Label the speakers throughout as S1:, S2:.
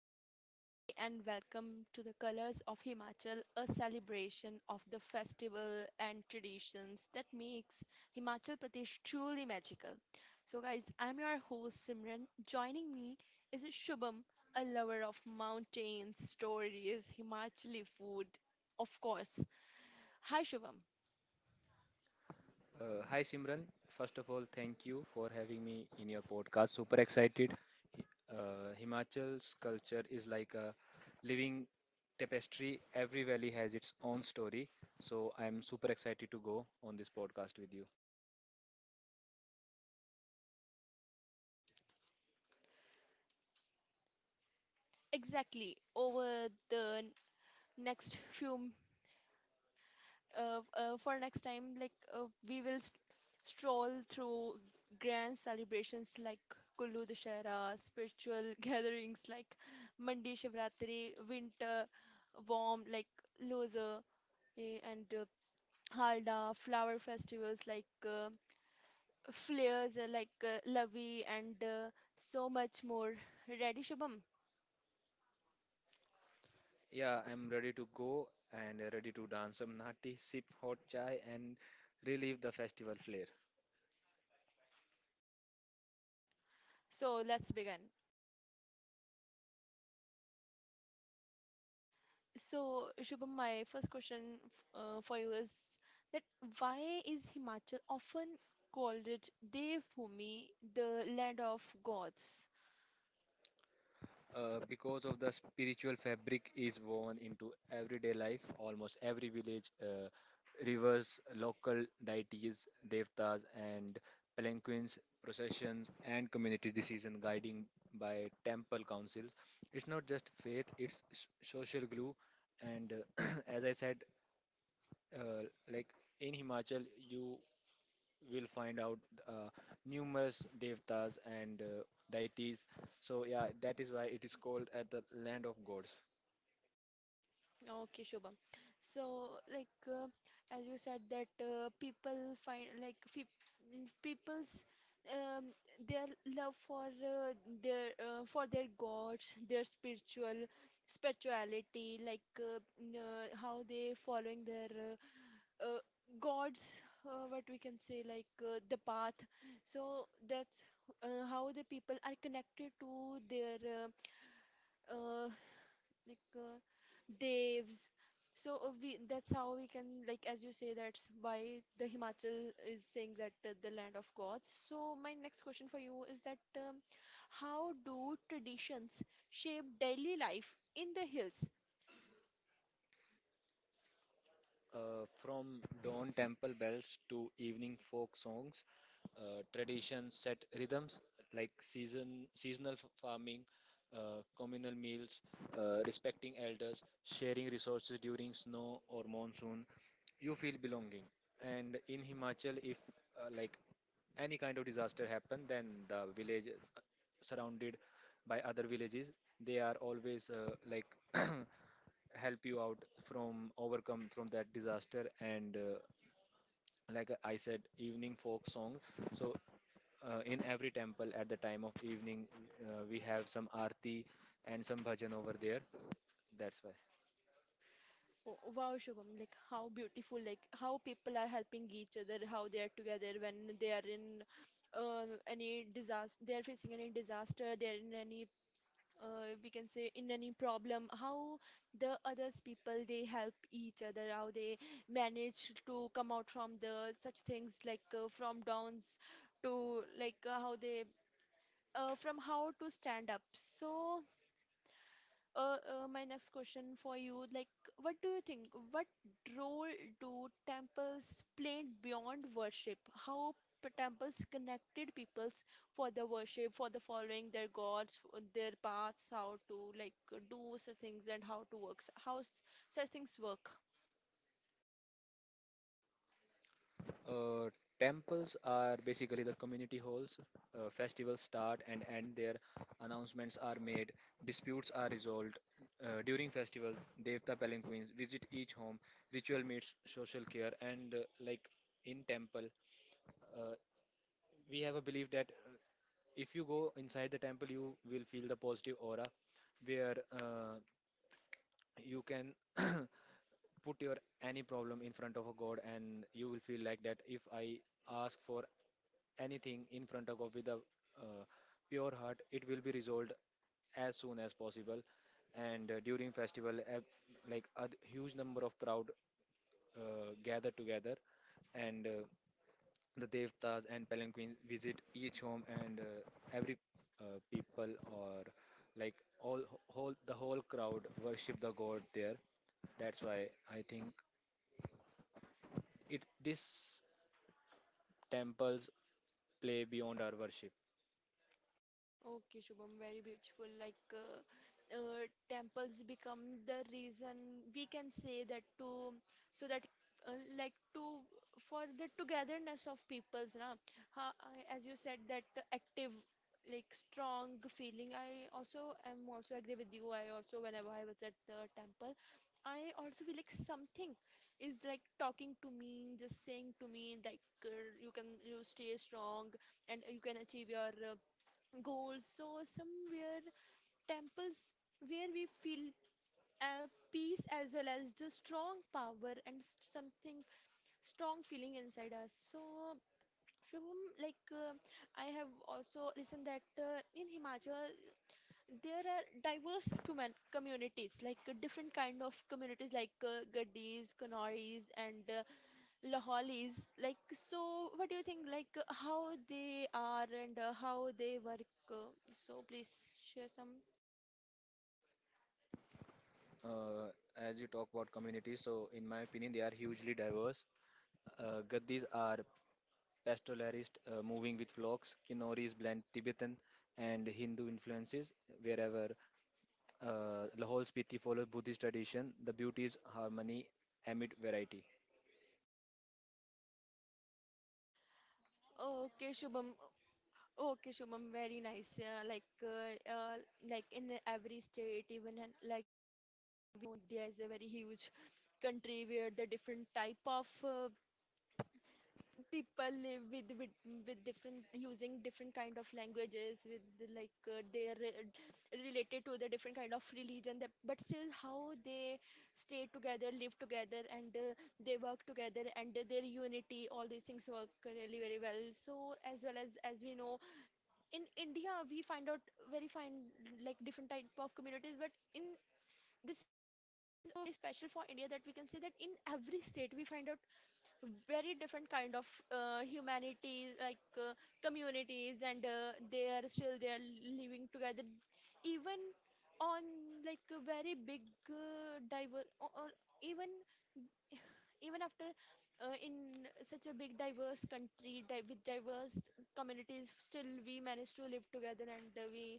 S1: So, namaste and welcome to the Colors of Himachal, a celebration of the festival and traditions that makes Himachal Pradesh truly magical. So, guys, I'm your host Simran. Joining me is Shubham, a lover of mountains, stories, Himachali food, of course. Hi, Shubham.
S2: Hi Simran. First of all, thank you for having me in your podcast. Super excited. Himachal's culture is like a living tapestry. Every valley has its own story. So I'm super excited to go on this podcast with you.
S1: Exactly. Over the next few for next time, we will stroll through grand celebrations like Kullu Dashera, spiritual gatherings like Mandi Shivratri, winter warm like Loza, and Halda, flower festivals like flares like Lavi, and so much more. Ready, Shubham?
S2: Yeah, I'm ready to go and ready to dance some nati, sip hot chai, and relive the festival flair.
S1: So let's begin. So, Shubham, my first question for you is that why is Himachal often called it Devbhumi, the land of gods?
S2: Because of the spiritual fabric is woven into everyday life, almost every village, rivers, local deities, devtas and palanquins, processions, and community decision guiding by temple councils. It's not just faith, it's social glue. And as I said, uh, like in Himachal, you will find out uh, numerous devtas and deities. So yeah, that is why it is called at the land of gods.
S1: Okay, Shubham. So, as you said that people find like people's um, their love for their for their gods, their spirituality, like how they following their uh, gods, what we can say like the path. So that's how the people are connected to their uh, uh, like uh, devs. So we that's how we can, like, as you say, that's why the Himachal is saying that, the land of gods. So my next question for you is that, how do traditions shape daily life in the hills?
S2: From dawn temple bells to evening folk songs, traditions set rhythms like seasonal farming, communal meals, respecting elders, sharing resources during snow or monsoon. You feel belonging. And in Himachal, if like any kind of disaster happen, then the village uh, surrounded by other villages, they are always like help you out from overcome from that disaster. And like I said, evening folk song. So in every temple at the time of evening, we have some arti and some bhajan over there. That's why.
S1: Oh, wow, Shubham, like how beautiful, like how people are helping each other, how they are together when they are in any disaster, they are facing any disaster, they are in any, we can say, in any problem, how the others people they help each other, how they manage to come out from the such things like from downs to, like, how they, from how to stand up. So my next question for you, like, what do you think? What role do temples played beyond worship? How temples connected peoples for the worship, for the following their gods, for their paths, how to like do such things and how to works, such things work?
S2: uh, Temples are basically the community halls. Festivals start and end there, announcements are made, disputes are resolved. During festival, devta palanquins visit each home, ritual meets social care. And like in temple, uh, we have a belief that if you go inside the temple, you will feel the positive aura, where you can put your any problem in front of a god, and you will feel like that if I ask for anything in front of god with a uh, pure heart, it will be resolved as soon as possible. And during festival, like a huge number of crowd gather together, and the devtas and palanquins visit each home. And every people or like all whole the whole crowd worship the god there. That's why I think it this temples play beyond our worship.
S1: Okay, Shubham, very beautiful. Uh, Temples become the reason, we can say that, to so that like to for the togetherness of peoples, na. Ha, I- as you said that the active, like strong feeling. I also agree with you. I also, whenever I was at the temple, I also feel like something is like talking to me, just saying to me like, you can, you stay strong and you can achieve your goals. So somewhere temples where we feel uh, peace as well as the strong power and something strong feeling inside us. So Shubham, I have also listened that in Himachal there are diverse communities, like different kind of communities like Gaddis, Kanaris, and Laholis. Like so, what do you think? Like how they are and how they work. So please share some.
S2: uh, as you talk about communities, so in my opinion, they are hugely diverse. Gaddis are pastoralists, moving with flocks. Kinnori's blend Tibetan and Hindu influences, wherever. Lahol's follows Buddhist tradition. The beauty is harmony amid variety.
S1: Okay, Shubham. Okay, Shubham. Very nice. Like in every state, even in, like, India is a very huge country where the different type of people live with different, using different kind of languages, with the, like, they're related to the different kind of religion. That, but still, how they stay together, live together, and they work together, and their unity, all these things work really very well. So as well as we know, in India we find out very fine like different type of communities, but in this is also special for India that we can say that in every state we find out very different kind of humanities like communities, and they are still they are living together, even on like a very big diver or even even after in such a big diverse country with diverse communities, still we manage to live together, and we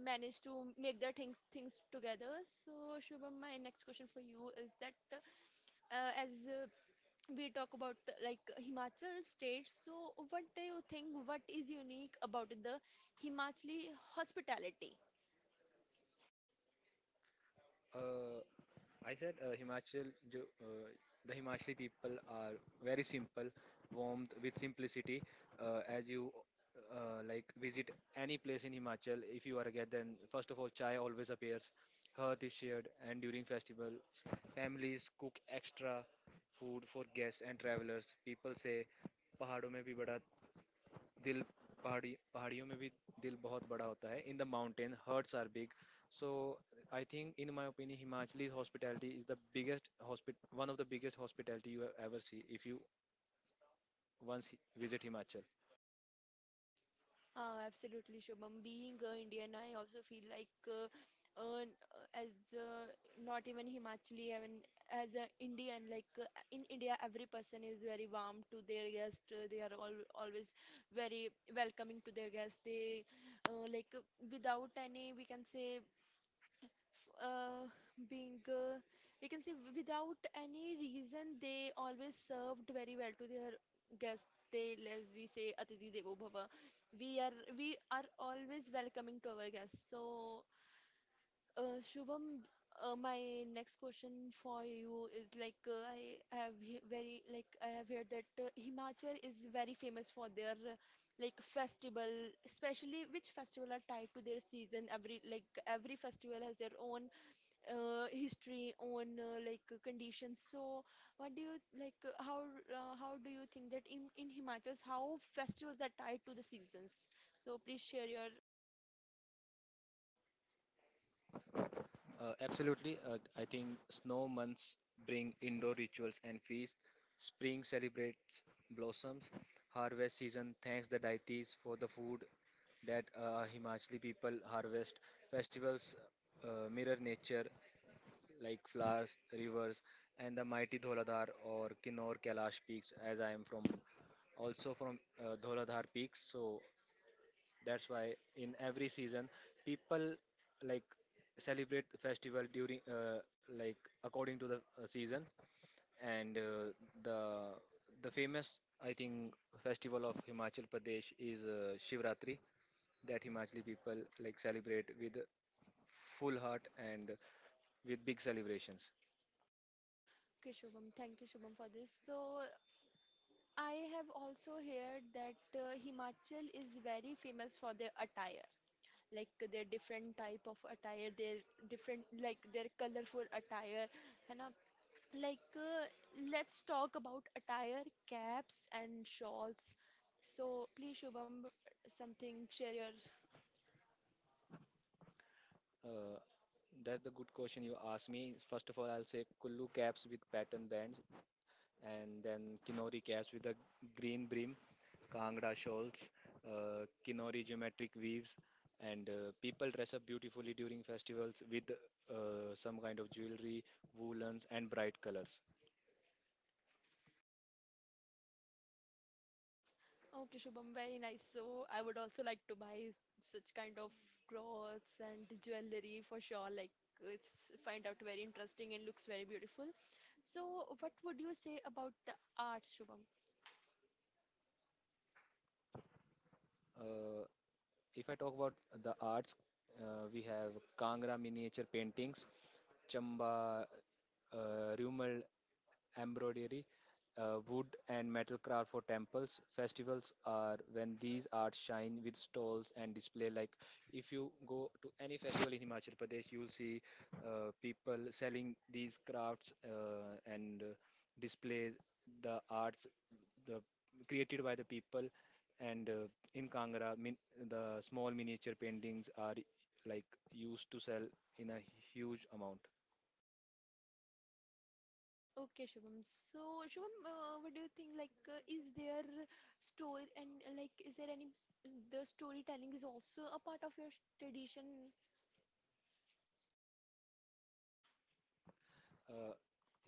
S1: manage to make the things together. So Shubham, my next question for you is that, as we talk about, like, himachal state, so what do you think, what is unique about the himachali hospitality?
S2: Uh, I said Himachal, jo, the Himachali people are very simple, warmth with simplicity. As you like visit any place in Himachal, if you are a guest, then first of all, chai always appears. Hearth is shared, and during festivals, families cook extra food for guests and travelers. People say, पहाड़ों में भी बड़ा दिल पहाड़ी पहाड़ियों में भी दिल बहुत बड़ा होता है in the mountain hearts are big so I think in my opinion Himachali hospitality is the biggest hospital one of the biggest hospitality you ever see if you once visit himachal.
S1: Absolutely, Shubham. Being Indian, I also feel like, n- as not even Himachali, even as an Indian, like in India, every person is very warm to their guest. They are all always very welcoming to their guest. They uh, like uh, without any, we can say, uh, being we can say without any reason, they always served very well to their guests. They, as we say, atiti devo bhava, we are always welcoming to our guests. So Shubham, my next question for you is like, I have heard that himachal is very famous for their like festival, especially which festival are tied to their season, every festival has their own history on conditions. So, what do you like? How how do you think that in Himachal, how festivals are tied to the seasons? So please share your.
S2: Absolutely. I think snow months bring indoor rituals and feasts. Spring celebrates blossoms. Harvest season thanks the deities for the food that Himachali people harvest. Festivals mirror nature. Like flowers, rivers, and the mighty Dholadhar or Kinnaur Kailash peaks, as I am from also from Dholadhar peaks. So that's why in every season, people like celebrate the festival during, like according to the season. And the the famous, I think, festival of Himachal Pradesh is Shivratri, that Himachali people like celebrate with full heart and with big celebrations.
S1: Okay, Shubham. Thank you, Shubham, for this. So I have also heard that Himachal is very famous for their attire, like their different type of attire, their different like their colorful attire, है ना। Like, let's talk about attire, caps, and shawls. So, please, Shubham, something share your.
S2: Uh, that's the good question you asked me. First of all, I'll say Kullu caps with pattern bands, and then Kinori caps with a green brim, Kangra shawls, Kinori geometric weaves, and people dress up beautifully during festivals with some kind of jewelry, woolens, and bright colors.
S1: Okay, Shubham, very nice. So, I would also like to buy such kind of clothes and jewelry for sure. Like, it's find out very interesting and looks very beautiful. So, what would you say about the arts, Shubham?
S2: Uh, If I talk about the arts, we have Kangra miniature paintings, Chamba Rumal embroidery, wood and metal craft for temples. Festivals are when these arts shine with stalls and display. Like if you go to any festival in Himachal Pradesh, you'll see people selling these crafts and display the arts the created by the people. And in Kangra, the small miniature paintings are like used to sell in a huge amount.
S1: Okay, Shubham. So, Shubham, what do you think? Like, is there story and like, is there any the storytelling is also a part of your tradition?
S2: Uh,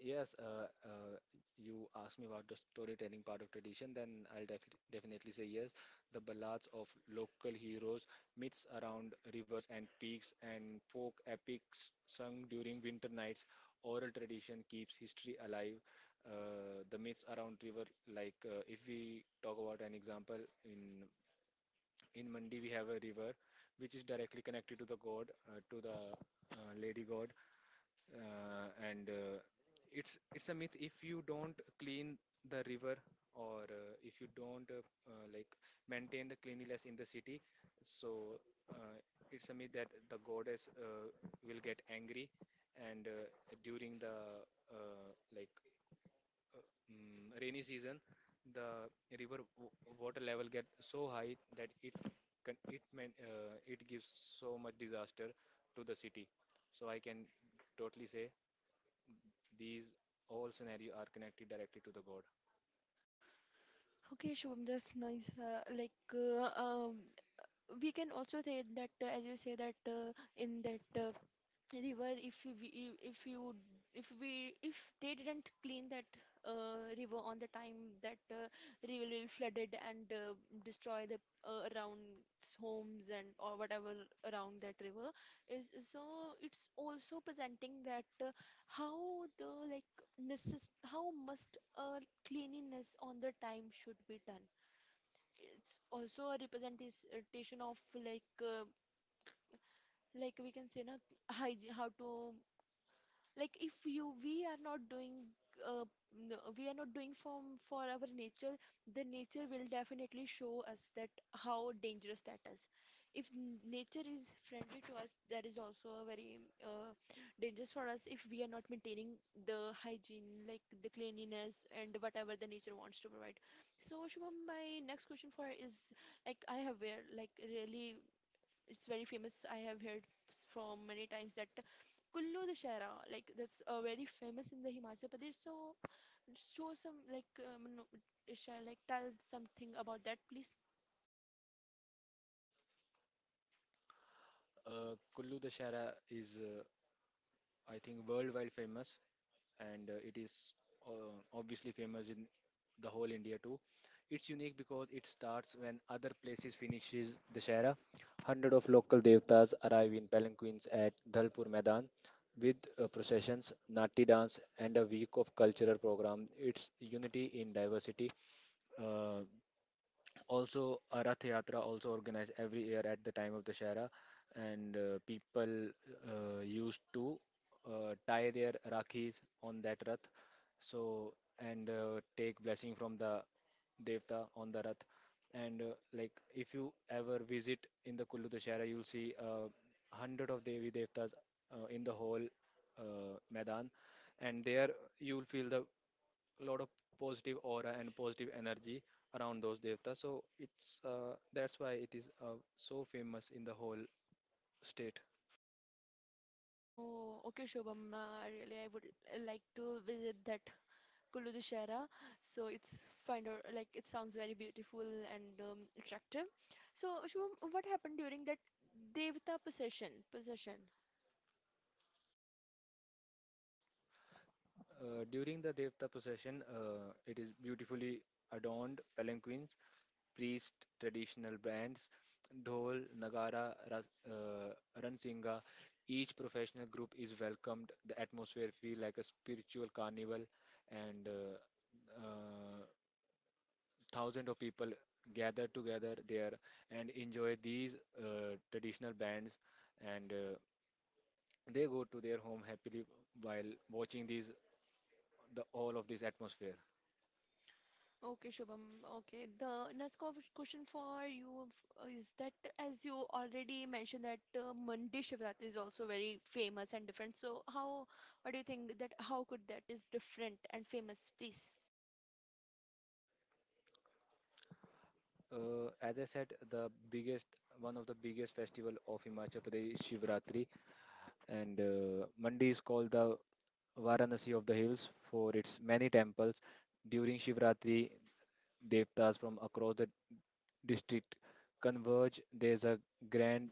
S2: yes. You asked me about the storytelling part of tradition, then I'll definitely say yes. The ballads of local heroes, myths around rivers and peaks, and folk epics sung during winter nights. Oral tradition keeps history alive. The myths around river, like if we talk about an example in In Mandi, we have a river which is directly connected to the god, to the lady god, and it's a myth. If you don't clean the river, or if you don't like maintain the cleanliness in the city, so uh, it's a myth that the goddess will get angry. And during the like uh, any season, the river water level get so high that it can, it man, it gives so much disaster to the city. So I can totally say these all scenario are connected directly to the god.
S1: Okay, Shubham, that's nice. We can also say that as you say that in that river, if we if you if we if they didn't clean that river on the time, that river will flooded and destroy the around homes and or whatever around that river is is. So it's also presenting that how the like necess how must cleanliness on the time should be done. It's also a representation of like, like we can say na, hygiene, how to like, if you we are not doing uh, we are not doing from for our nature, the nature will definitely show us that how dangerous that is. If nature is friendly to us, that is also a very dangerous for us if we are not maintaining the hygiene, like the cleanliness and whatever the nature wants to provide. So Shubham, my next question for is, like I have where like really it's very famous. I have heard from many times that Kullu Dashera, like that's very famous in the Himachal Pradesh. So show some like no, share like tell something about that, please.
S2: Kullu Dashara is, I think, worldwide famous, and it is obviously famous in the whole India too. It's unique because it starts when other places finishes Dashara. Hundred of local devtas arrive in palanquins at Dalpur Maidan, with processions, Nati dance, and a week of cultural program, it's unity in diversity. Uh, Also, a Rath Yatra also organized every year at the time of the Shara, and people used to tie their rakhis on that Rath. So and take blessing from the Devta on the Rath. And like if you ever visit in the Kullu Dashera, you'll see hundred of Devi Devtas in the whole Maidan, and there you'll feel the lot of positive aura and positive energy around those Devtas. So it's that's why it is so famous in the whole state.
S1: Oh, okay, Shobham. Really, I would like to visit that Kullu Dashera. So it's find out like it sounds very beautiful and attractive. So Shubham, what happened during that Devta possession? Possession.
S2: During the Devta procession, it is beautifully adorned palanquins, priest, traditional bands, dhol, nagara, ras, ransinga. Each professional group is welcomed. The atmosphere feels like a spiritual carnival, and uh, thousands of people gather together there and enjoy these traditional bands. And they go to their home happily while watching these the all of this atmosphere.
S1: Okay, Shubham. Okay, the next question for you is that, as you already mentioned that Mandi Shivratri is also very famous and different. So how, what do you think that how could that is different and famous, please?
S2: As I said, one of the biggest festival of Himachal Pradesh is Shivratri, and Mandi is called the Varanasi of the hills for its many temples. During Shivratri, devtas from across the district converge. There's a grand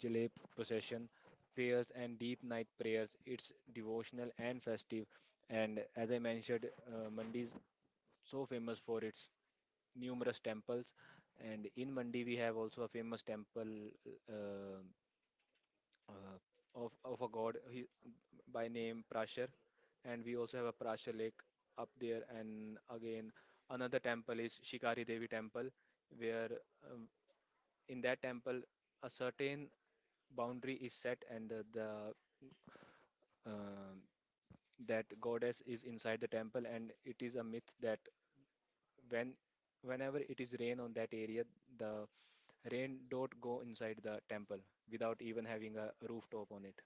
S2: jalep procession, fairs, and deep night prayers. It's devotional and festive. And as I mentioned, Mandi so famous for its numerous temples. And in Mandi, we have also a famous temple uh, uh, of a god he, by name Prashar, and we also have a Prashar Lake up there. And again, another temple is Shikari Devi Temple, where um, in that temple a certain boundary is set, and the um that goddess is inside the temple, and it is a myth that when whenever it is rain on that area, the rain don't go inside the temple without even having a rooftop on it.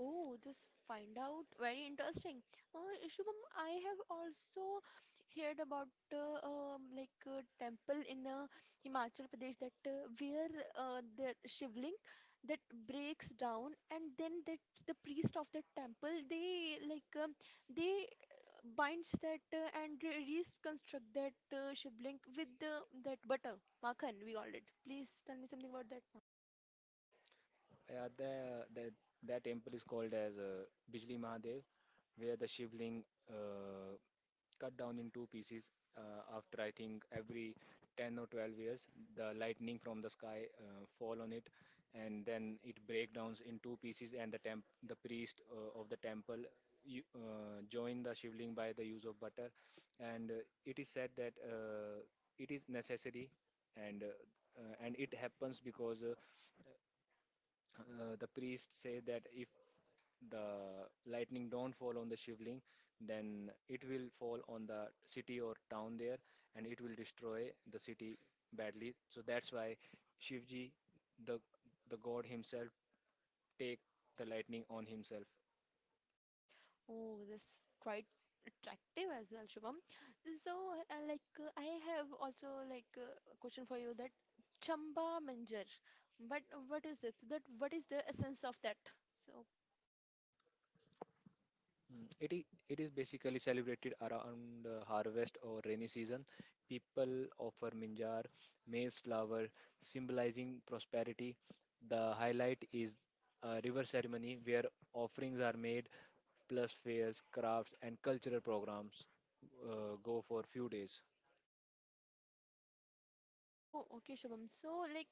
S1: Oh, this find out very interesting. Shubham, I have also heard about like a temple in Himachal Pradesh that where the shivling that breaks down, and then that the priest of the temple they like, they binds that and reconstruct that shivling with the that butter, makhan we called it. Please tell me something about that.
S2: Yeah, the, that temple is called as Bijli Mahadev, where the Shivling uh, cut down in two pieces after I think every 10 or 12 years. The lightning from the sky fall on it, and then it breaks down in two pieces. And the priest of the temple join the Shivling by the use of butter, and it is said that it is necessary, and and it happens because. The priest say that if the lightning don't fall on the shivling, then it will fall on the city or town there, and it will destroy the city badly. So that's why Shivji, the the god himself take the lightning on himself.
S1: Oh, this quite attractive as well, Shubham. So, I have also like a question for you that Chamba Manjar. But what is this? That what is the essence of that? So,
S2: It is it is basically celebrated around the harvest or rainy season. People offer minjar, maize flower, symbolizing prosperity. The highlight is a river ceremony where offerings are made, plus fairs, crafts, and cultural programs go for few days.
S1: oh, okay, Shubham. So, like,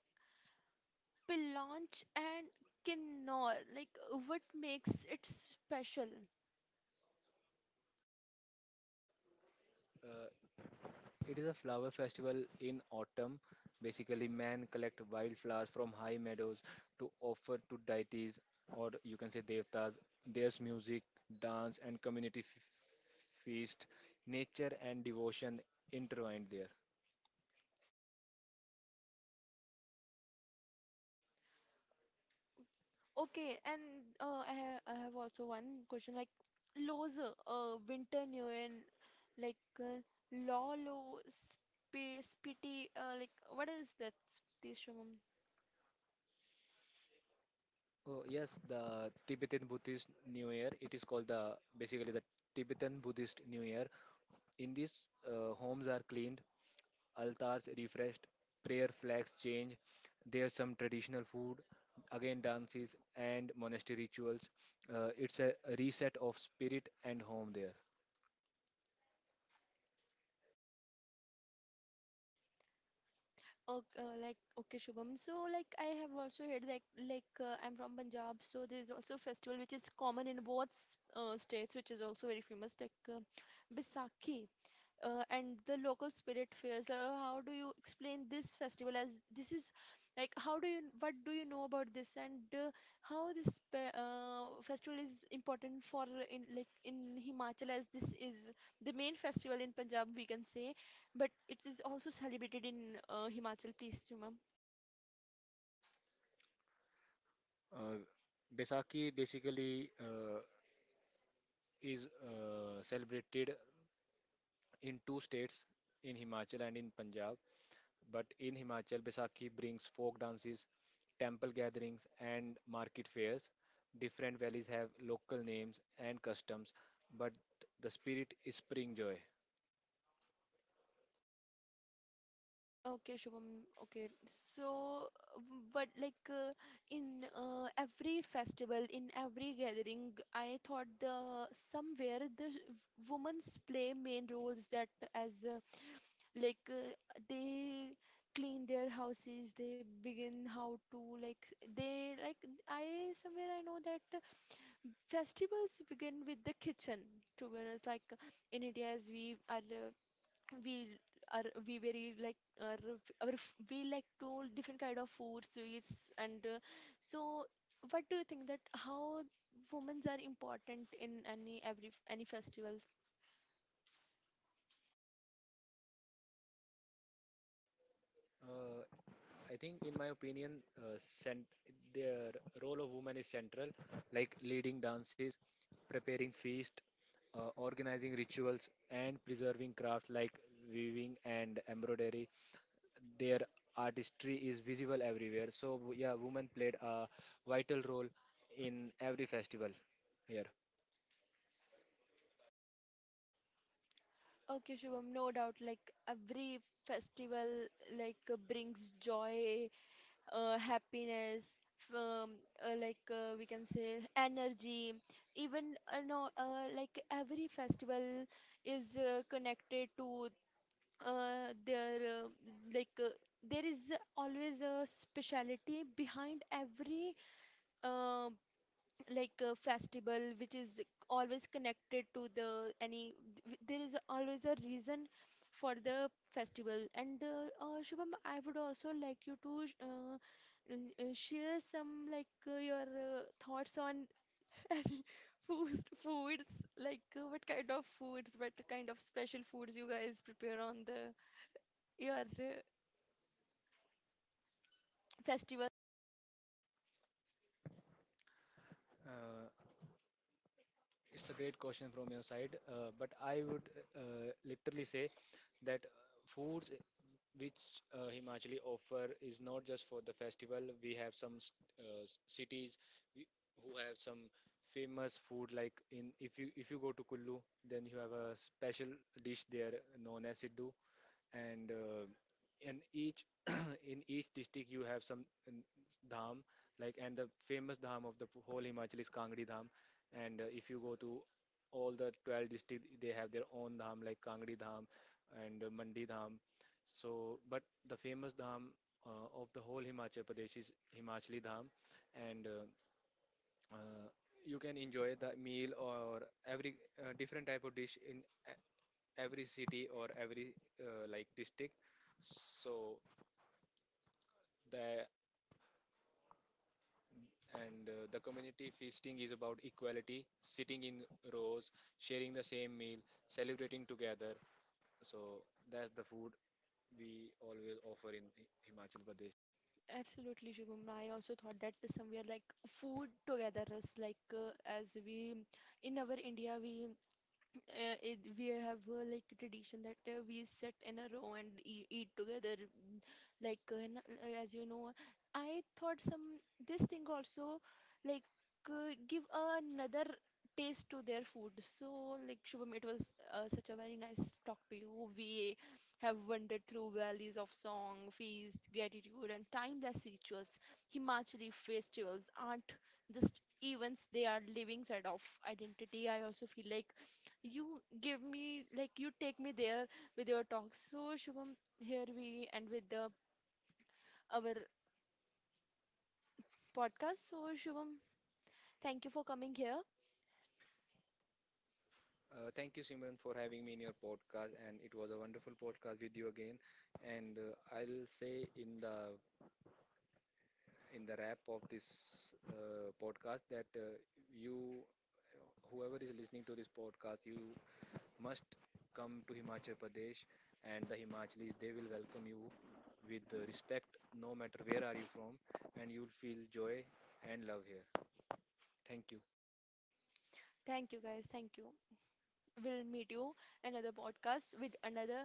S1: Pilonch and Kinnor, like, what makes it special?
S2: Uh, It is a flower festival in autumn. Basically, men collect wildflowers from high meadows to offer to deities, or you can say devtas. There's music, dance, and community feast, nature and devotion intertwined there.
S1: Okay, and I, ha I have also one question like Lowe's Winter New and like Lolo Sp Spitty, like what is that this, Shubham?
S2: Oh yes, the Tibetan Buddhist New Year. It's called the basically the Tibetan Buddhist New Year. In this, homes are cleaned, altars refreshed, prayer flags change. There's some traditional food, again dances and monastery rituals. It's a reset of spirit and home there.
S1: Okay, like okay Shubham. So like I have also heard like I'm from Punjab, so there is also a festival which is common in both states, which is also very famous like Baisakhi, and the local spirit fairs. How do you explain this festival, as this is like how do you what do you know about this, and how this festival is important for in Himachal, as this is the main festival in Punjab we can say, but it is also celebrated in Himachal. Please, Juma.
S2: Uh, Besaki basically is celebrated in two states, in Himachal and in Punjab. But in Himachal, Baisakhi brings folk dances, temple gatherings, and market fairs. Different valleys have local names and customs, but the spirit is spring joy.
S1: Okay, Shubham. Okay. So, but like in every festival, in every gathering, I thought the somewhere the women's play main roles that as like uh, they clean their houses, they begin how to like they like I somewhere I know that festivals begin with the kitchen. To be honest, like in India, as we we very like are, we like to all different kind of food sweets and so what do you think that how women's are important in any every any festival?
S2: Uh, I think, in my opinion, uh, cent- their role of women is central, like leading dances, preparing feast, organizing rituals, and preserving crafts like weaving and embroidery. Their artistry is visible everywhere. So, yeah, women played a vital role in every festival here.
S1: Okay shubham, no doubt, like every festival brings joy, happiness, we can say energy. Even no Like every festival is connected to uh, there uh, like uh, there is always a speciality behind every uh, festival, which is always connected to the any there is always a reason for the festival. And Shubham, I would also like you to share some like your thoughts on any foods like, what kind of foods, what kind of special foods you guys prepare on the your uh, festival.
S2: Uh, It's a great question from your side, but I would literally say that foods which Himachali offer is not just for the festival. We have some cities we, who have some famous food. Like in if you go to Kullu, then you have a special dish there known as siddu. And in each in each district you have some dham, like, and the famous dham of the whole Himachal is Kangdi Dham. And if you go to all the 12 districts, they have their own dham like Kangdi Dham and Mandi Dham. So but the famous dham of the whole Himachal Pradesh is Himachali Dham. And uh, you can enjoy the meal or every different type of dish in every city or every like district. So the the community feasting is about equality, sitting in rows, sharing the same meal, celebrating together. So that's the food we always offer in Himachal Pradesh.
S1: Absolutely, Shubham. I also thought that somewhere like food together us, like as we in our India we we have like tradition that we sit in a row and eat together, mm, as you know, I thought some this thing also like give another taste to their food. So like Shubham, it was such a very nice talk to you. We have wandered through valleys of song, feast, gratitude and timeless rituals. Himachali festivals aren't just events, they are living side of identity. I also feel like you give me, like, you take me there with your talks. So, Shubham, here we end with the our podcast. So, Shubham, thank you for coming here.
S2: Thank you, Simran, for having me in your podcast, and it was a wonderful podcast with you again. And I'll say in the wrap of this podcast that you, whoever is listening to this podcast, you must come to Himachal Pradesh, and the Himachalis, they will welcome you with respect, no matter where are you from, and you'll feel joy and love here. Thank you.
S1: Thank you, guys. Thank you. We'll meet you another podcast with another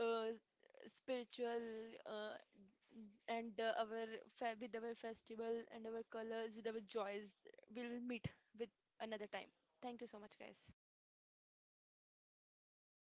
S1: uh, s- spiritual and our fe with our festival and our colors with our joys. We'll meet with another time. Thank you so much, guys.